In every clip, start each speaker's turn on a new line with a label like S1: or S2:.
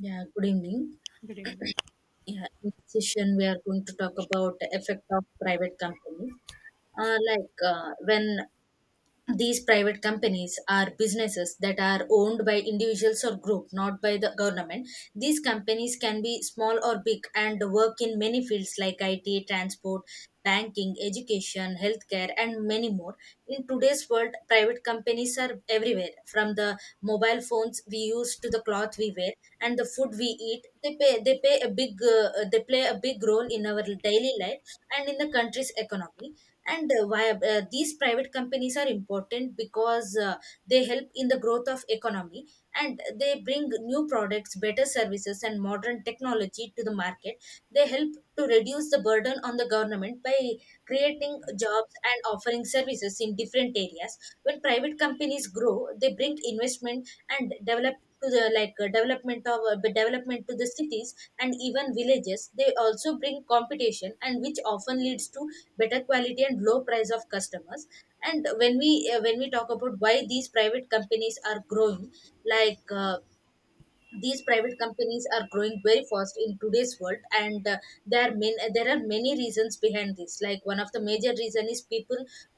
S1: Yeah, good evening.
S2: Good evening.
S1: Yeah, in this session we are going to talk about the effect of private companies. Like when These private companies are businesses that are owned by individuals or group, not by the government. These companies can be small or big and work in many fields like IT, transport, banking, education, healthcare, and many more. In today's world, private companies are everywhere, from the mobile phones we use to the cloth we wear and the food we eat. They play a big role in our daily life and in the country's economy. And why these private companies are important because they help in the growth of economy, and they bring new products, better services, and modern technology to the market. They help to reduce the burden on the government by creating jobs and offering services in different areas. When private companies grow, they bring investment and development to the cities and even villages. They also bring competition, and which often leads to better quality and low price of customers. And when we talk about why these private companies are growing, like uh, these private companies are growing very fast in today's world, and there are many reasons behind this. Like, one of the major reason is people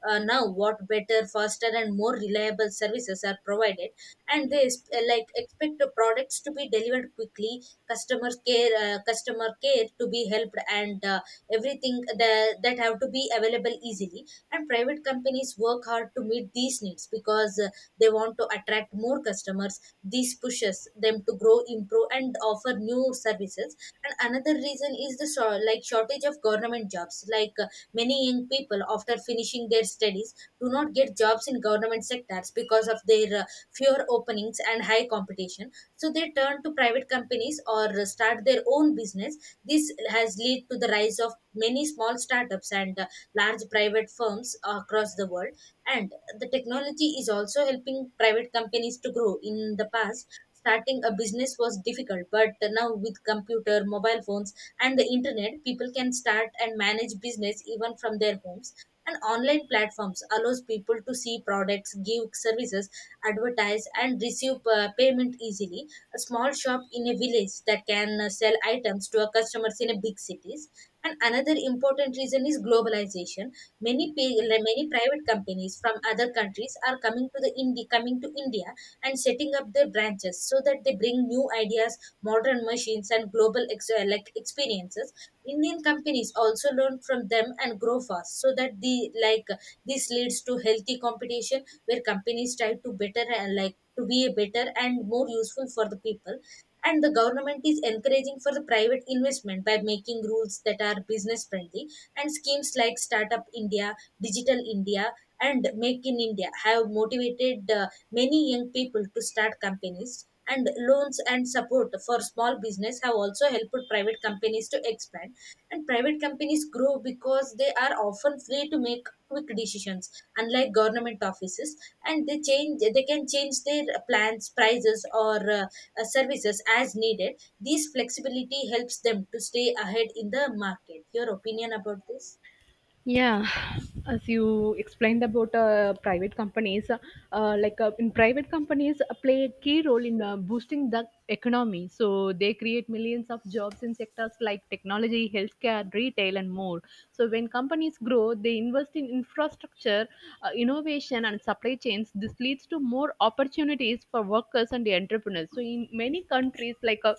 S1: now want better, faster, and more reliable services are provided, and like expect the products to be delivered quickly, customer care to be helped, and everything that have to be available easily. And private companies work hard to meet these needs because they want to attract more customers. This pushes them to grow, improve, and offer new services. And another reason is the shortage of government jobs. Like, many young people after finishing their studies do not get jobs in government sectors because of their fewer openings and high competition. So they turn to private companies or start their own business. This has led to the rise of many small startups and large private firms across the world. And the technology is also helping private companies to grow. In the past, starting a business was difficult, but now with computer, mobile phones, and the internet, people can start and manage business even from their homes. And online platforms allows people to see products, give services, advertise, and receive payment easily. A small shop in a village that can sell items to our customers in a big cities. And another important reason is globalization. Many private companies from other countries are coming to India and setting up their branches, so that they bring new ideas, modern machines, and global experiences. Indian companies also learn from them and grow fast, so that the like this leads to healthy competition, where companies try to be a better and more useful for the people. And the government is encouraging for the private investment by making rules that are business friendly. And schemes like Startup India, Digital India, and Make in India have motivated many young people to start companies. And loans and support for small business have also helped private companies to expand. And private companies grow because they are often free to make quick decisions, unlike government offices. And they can change their plans, prices, or services as needed. This flexibility helps them to stay ahead in the market. Your opinion about this?
S2: Yeah, as you explained about private companies, in private companies play a key role in boosting the economy. So they create millions of jobs in sectors like technology, healthcare, retail, and more. So when companies grow, they invest in infrastructure, innovation, and supply chains. This leads to more opportunities for workers and the entrepreneurs. So in many countries,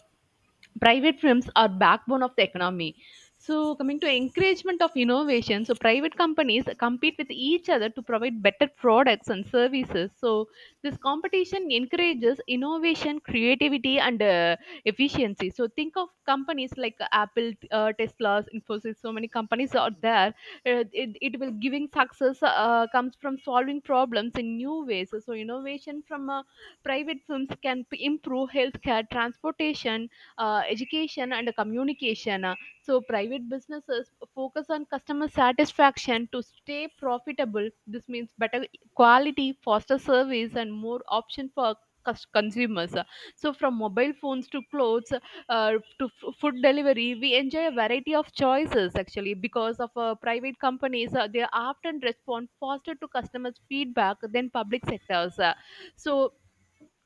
S2: private firms are backbone of the economy. So coming to encouragement of innovation, so private companies compete with each other to provide better products and services, so this competition encourages innovation, creativity, and efficiency. So think of companies like Apple, Teslas, Infosys, so many companies are there. It will giving success comes from solving problems in new ways. So innovation from private firms can improve healthcare, transportation, education, and communication. So private businesses focus on customer satisfaction to stay profitable. This means better quality, faster service, and more option for consumers. So from mobile phones to clothes, food delivery, we enjoy a variety of choices actually because of private companies. They often respond faster to customers' feedback than public sectors. So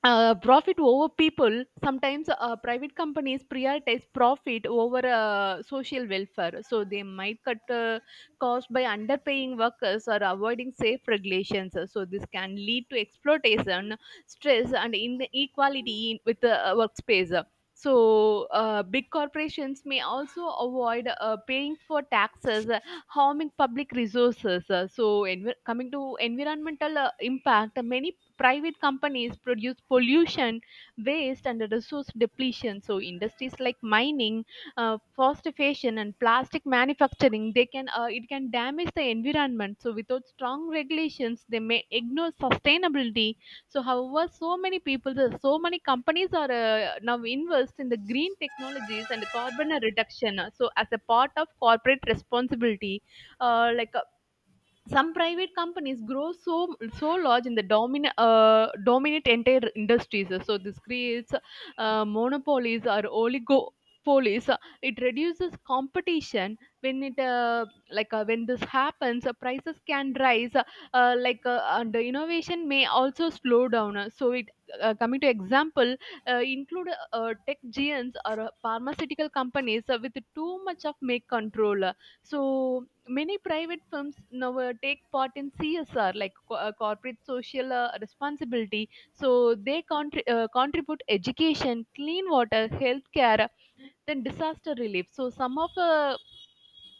S2: Profit over people. Sometimes private companies prioritize profit over social welfare, so they might cut costs by underpaying workers or avoiding safe regulations, so this can lead to exploitation, stress, and inequality with the workspace. So big corporations may also avoid paying for taxes, harming public resources. Coming to environmental impact, many private companies produce pollution, waste, and resource depletion. So industries like mining, fast fashion, and plastic manufacturing, they can it can damage the environment. So without strong regulations, they may ignore sustainability. So however, so many people, so many companies are now invest in the green technologies and carbon reduction. So as a part of corporate responsibility, uh, like some private companies grow so large in the dominate entire industries, so this creates monopolies or oligopolies, it reduces competition. When it like when this happens, prices can rise, and the innovation may also slow down. So it Coming to example, include tech giants or pharmaceutical companies with too much of make control. So many private firms now take part in CSR, corporate social responsibility. So they contribute education, clean water, healthcare, then disaster relief. So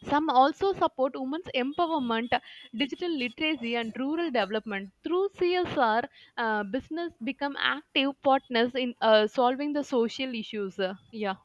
S2: some also support women's empowerment, digital literacy, and rural development. Through CSR, business become active partners in solving the social issues. Yeah.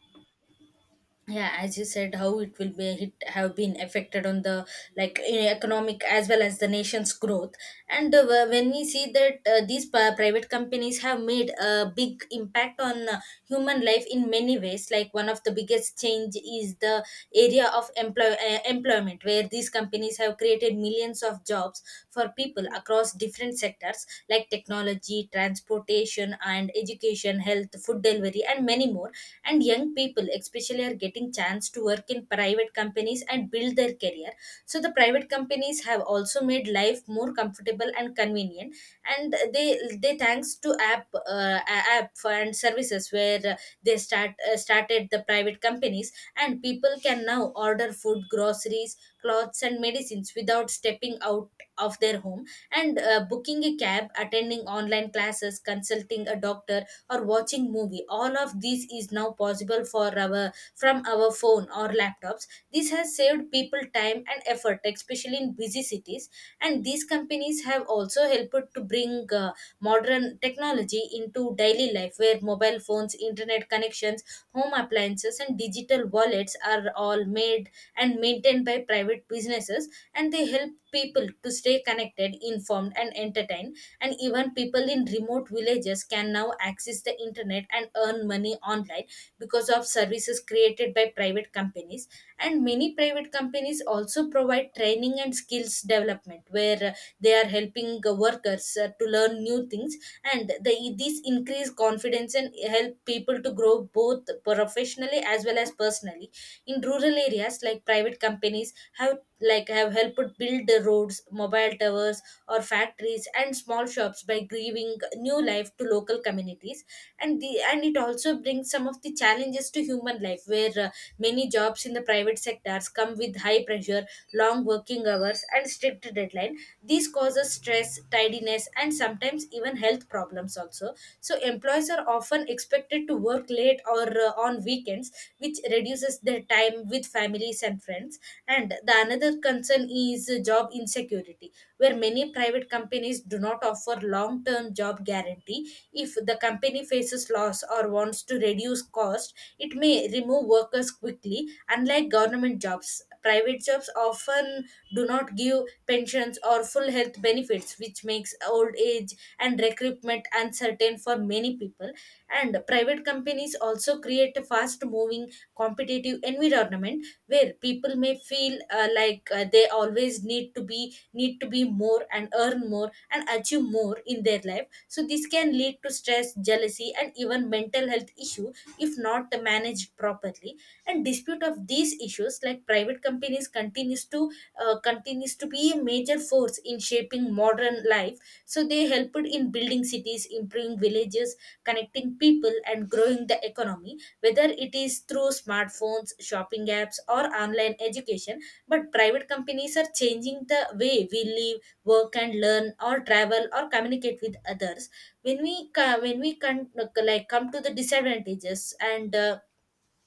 S1: Yeah, as you said how it will be hit have been affected on the economic as well as the nation's growth. And when we see that these private companies have made a big impact on human life in many ways. Like, one of the biggest change is the area of employment, where these companies have created millions of jobs for people
S2: Yeah,
S1: across different sectors like technology, transportation, and education, health, food delivery, and many more. And young people especially are getting chance to work in private companies and build their career. So the private companies have also made life more comfortable and convenient. And they thanks to app for, and services where they start started the private companies, and people can now order food, groceries, clothes, and medicines without stepping out of their home. And booking a cab, attending online classes, consulting a doctor, or watching movie, all of these is now possible for our from our phone or laptops. This has saved people time and effort, especially in busy cities. And these companies have also helped to bring modern technology into daily life, where mobile phones, internet connections, home appliances, and digital wallets are all made and maintained by private businesses. And they help people to stay connected, informed, and entertained. And even people in remote villages can now access the internet and earn money online because of services created by private companies. And many private companies also provide training and skills development, where they are helping workers to learn new things. And these increase confidence and help people to grow both professionally as well as personally. In rural areas, like private companies have helped build the roads, mobile towers, or factories, and small shops by giving new life to local communities. And the and it also brings some of the challenges to human life, where many jobs in the private sectors come with high pressure, long working hours, and strict deadline. These causes stress, tidiness, and sometimes even health problems also. So employees are often expected to work late or on weekends, which reduces their time with families and friends. And the another concern is job insecurity, where many private companies do not offer long term job guarantee. If the company faces loss or wants to reduce cost, it may remove workers quickly. Unlike government jobs, private jobs often do not give pensions or full health benefits, which makes old age and recruitment uncertain for many people. And private companies also create a fast moving competitive environment, where people may feel they always need to be more and earn more and achieve more in their life. So this can lead to stress, jealousy, and even mental health issue if not managed properly. And dispute of these issues, like private companies continues to be a major force in shaping modern life. So they helped in building cities, improving villages, connecting people, and growing the economy. Whether it is through smartphones, shopping apps, or online education, but private companies are changing the way we live, work, and learn, or travel, or communicate with others. When we can like come to the disadvantages, and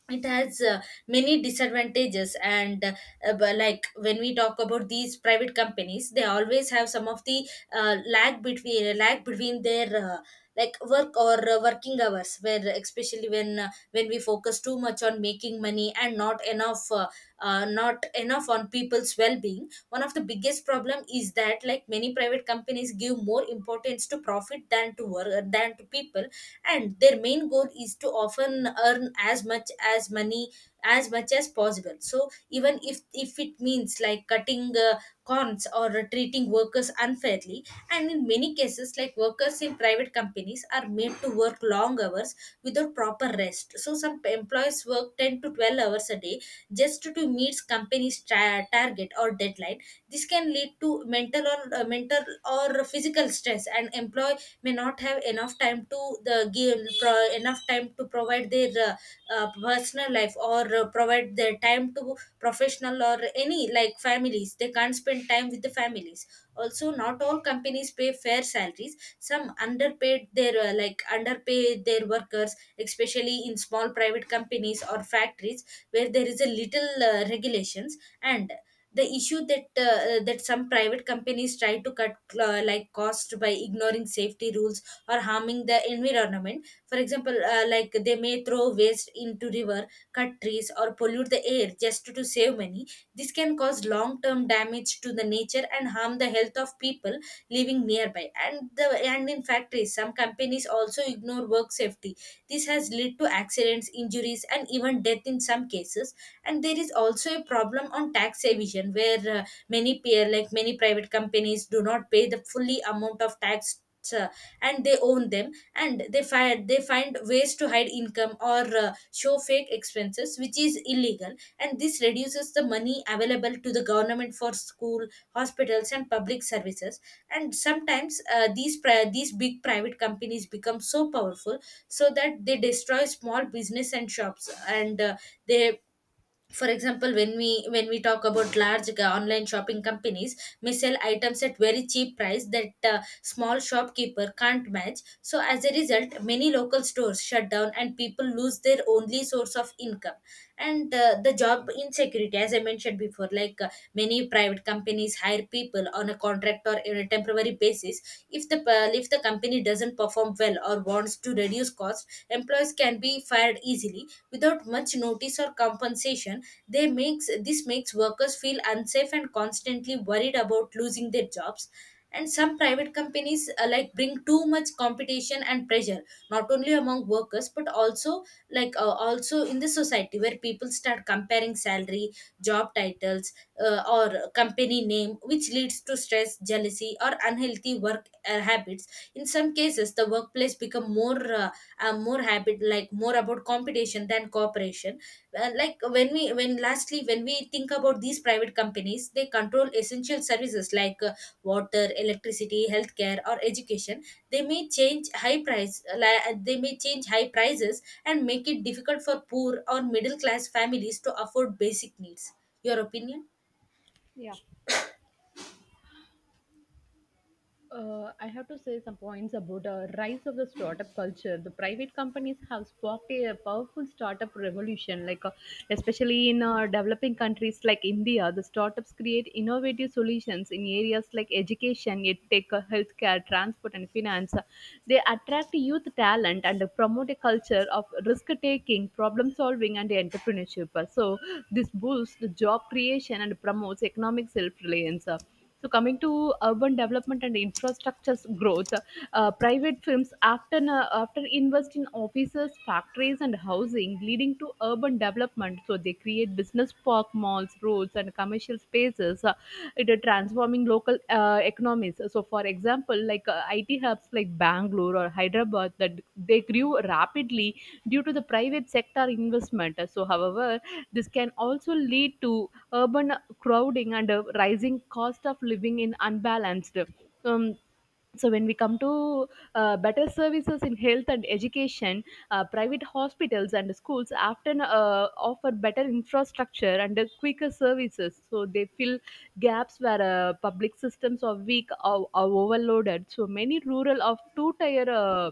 S1: it has many disadvantages, and but like when we talk about these private companies, they always have some of the lag between their uh, like work or working hours, where especially when we focus too much on making money and not enough on people's well-being. One of the biggest problem is that, like, many private companies give more importance to profit than to work, than to people, and their main goal is to often earn as much as money as much as possible. So even if it means like cutting cons or treating workers unfairly. And in many cases, like, workers in private companies are made to work long hours without proper rest. So some employees work 10 to 12 hours a day just to meet company's target or deadline. This can lead to mental or physical stress, and employee may not have enough time to provide their personal life, or provide their time to professional, or any like families, they can't spend time with the families. Also, not all companies pay fair salaries. Some underpaid their uh, like underpay their workers, especially in small private companies or factories, where there is a little regulations. And the issue that some private companies try to cut cost by ignoring safety rules or harming the environment. For example, like they may throw waste into river, cut trees, or pollute the air just to save money. This can cause long term damage to the nature and harm the health of people living nearby. And the and in factories, some companies also ignore work safety. This has led to accidents, injuries, and even death in some cases. And there is also a problem on tax evasion, where many peer like many private companies do not Pay the fully amount of tax. uh, and they own them and they find ways to hide income or show fake expenses, which is illegal, and this reduces the money available to the government for school, hospitals, and public services. And sometimes these big private companies become so powerful so that they destroy small business and shops, and they for example, when we talk about online shopping companies may sell items at very cheap price that small shopkeeper can't match. So as a result, many local stores shut down and people lose their only source of income. And the job insecurity, as I mentioned before, like, many private companies hire people on a contract or in a temporary basis. If the company doesn't perform well or wants to reduce cost, employees can be fired easily without much notice or compensation. They makes this makes workers feel unsafe and constantly worried about losing their jobs. And some private companies, like, bring too much competition and pressure, not only among workers but also, like, also in the society, where people start comparing salary, job titles, or company name, which leads to stress, jealousy, or unhealthy work habits. In some cases the workplace become more more habit, like more about competition than cooperation. Like, when we when lastly when we think about these private companies, they control essential services like, water, electricity, healthcare, or education. They may change high they may change high prices and make it difficult for poor or middle class families to afford basic needs. Your opinion.
S2: yeah. I have to say some points about the rise of the startup culture. The private companies have sparked a powerful startup revolution, especially in developing countries like India. The startups create innovative solutions in areas like education, yet tech, healthcare, transport, and finance. They attract youth talent and promote a culture of risk taking, problem solving, and entrepreneurship. So this boosts the job creation and promotes economic self reliance. So coming to urban development and infrastructure's growth, private firms often after invest in offices, factories, and housing, leading to urban development. So they create business park, malls, roads, and commercial spaces. It Transforming local economies. So for example, IT hubs like Bangalore or Hyderabad, that they grew rapidly due to the private sector investment. So however, this can also lead to urban crowding and a rising cost of living in unbalanced. um, so when we come to better services in health and education, private hospitals and schools often offer better infrastructure and quicker services, so they fill gaps where public systems are weak or overloaded. So many rural of two tier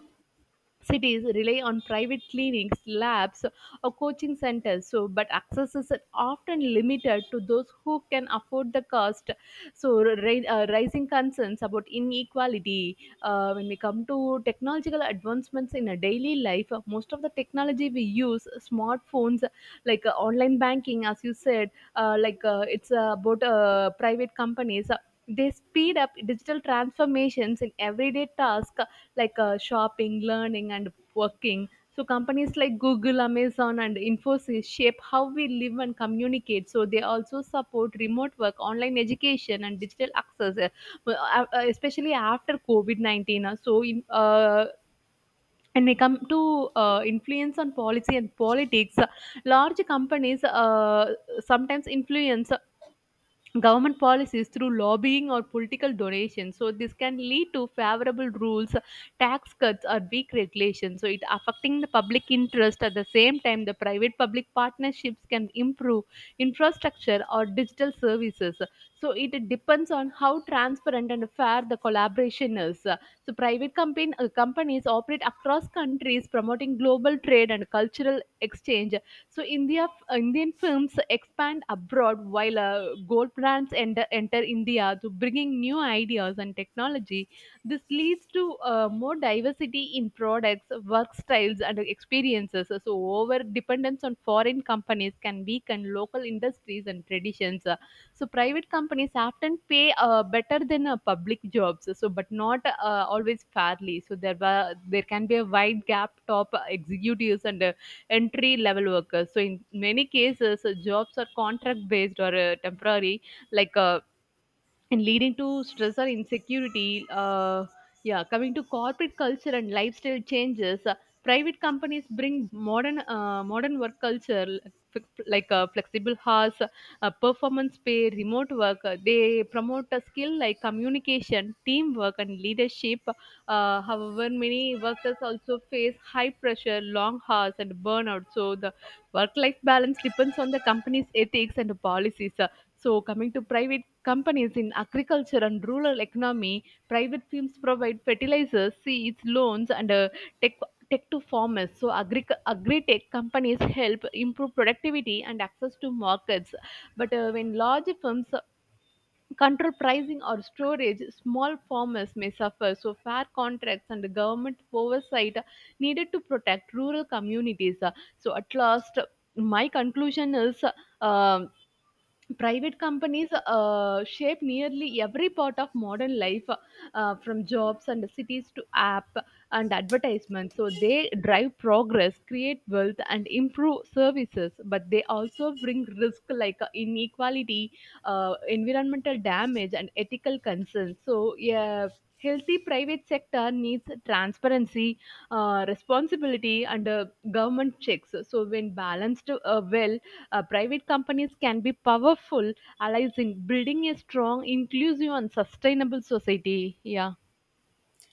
S2: cities rely on private clinics, labs, or coaching centers, so but access is often limited to those who can afford the cost, so rising concerns about inequality. When we come to technological advancements in a daily life, most of the technology we use, smartphones, online banking, as you said, like it's about private companies they speed up digital transformations in everyday tasks like shopping, learning, and working. So companies like Google, Amazon, and Infosys shape how we live and communicate. So they also support remote work, online education, and digital access, especially after COVID-19. And when it come to influence on policy and politics, large companies sometimes influence government policies through lobbying or political donations. So this can lead to favorable rules, tax cuts, or weak regulations, so it affecting the public interest. At the same time, the private-public partnerships can improve infrastructure or digital services. So it depends on how transparent and fair the collaboration is. So companies operate across countries, promoting global trade and cultural exchange. So India, Indian films expand abroad while gold brands enter India to bringing new ideas and technology. This leads to more diversity in products, work styles, and experiences. So over dependence on foreign companies can weaken local industries and traditions. So private companies often pay better than public jobs. So but not always fairly. So there can be a wide gap top executives and entry-level workers. So in many cases, jobs are contract-based or temporary, like uh, and leading to stress or insecurity. Yeah, coming to corporate culture and lifestyle changes, private companies bring modern work culture flexible hours, performance pay, remote work. They promote a skill like communication, teamwork, and leadership. However, many workers also face high pressure, long hours, and burnout. So the work-life balance depends on the company's ethics and policies. So coming to private companies in agriculture and rural economy, private firms provide fertilizers, seeds, loans, and tech, tech to farmers. So, agri-tech companies help improve productivity and access to markets. But when large firms control pricing or storage, small farmers may suffer. So, fair contracts and government oversight needed to protect rural communities. So, at last, my conclusion is. um Private companies shape nearly every part of modern life, from jobs and cities to app and advertisements. So they drive progress, create wealth, and improve services, but they also bring risk like inequality, environmental damage, and ethical concerns. So yeah, healthy private sector needs transparency, responsibility, and government checks. So when balanced well, private companies can be powerful allies in building a strong, inclusive, and sustainable society. Yeah.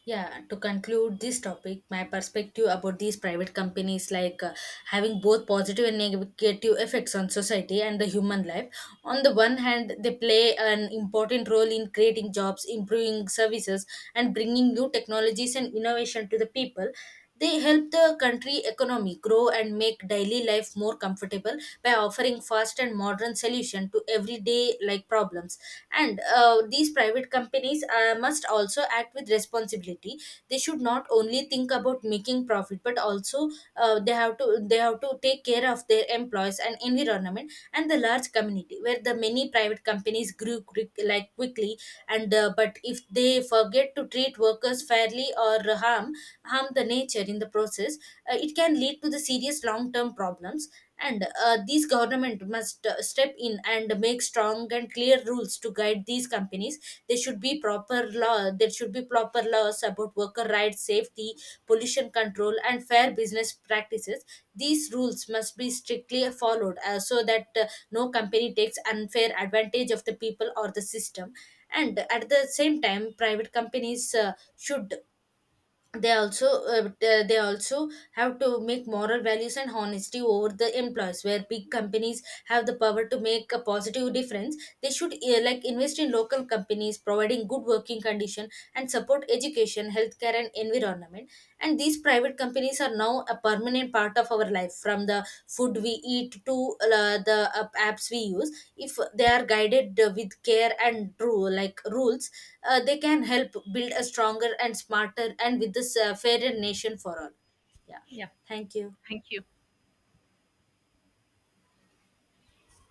S1: Yeah, to conclude this topic, my perspective about these private companies, like, having both positive and negative effects on society and the human life. On the one hand, they play an important role in creating jobs, improving services, and bringing new technologies and innovation to the people. They help the country economy grow and make daily life more comfortable by offering fast and modern solution to everyday like problems. And these private companies must also act with responsibility. They should not only think about making profit, but also, they have to take care of their employees and environment and the large community, where the many private companies grew quick, like quickly. And but if they forget to treat workers fairly or harm, harm the nature in the process, it can lead to the serious long-term problems. And these government must step in and make strong and clear rules to guide these companies. There should be proper law. There should be proper laws about worker rights, safety, pollution control, and fair business practices. These rules must be strictly followed, so that no company takes unfair advantage of the people or the system. And at the same time, private companies should, they also uh, uh, they also have to make moral values and honesty over the employees, where big companies have the power to make a positive difference. They should, like, invest in local companies, providing good working condition and support education, healthcare, and environment. And these private companies are now a permanent part of our life, from the food we eat to the apps we use. If they are guided with care and true like rules, they can help build a stronger and smarter, and with this, fairer nation for all. Yeah,
S2: Yeah.
S1: thank you.
S2: Thank you.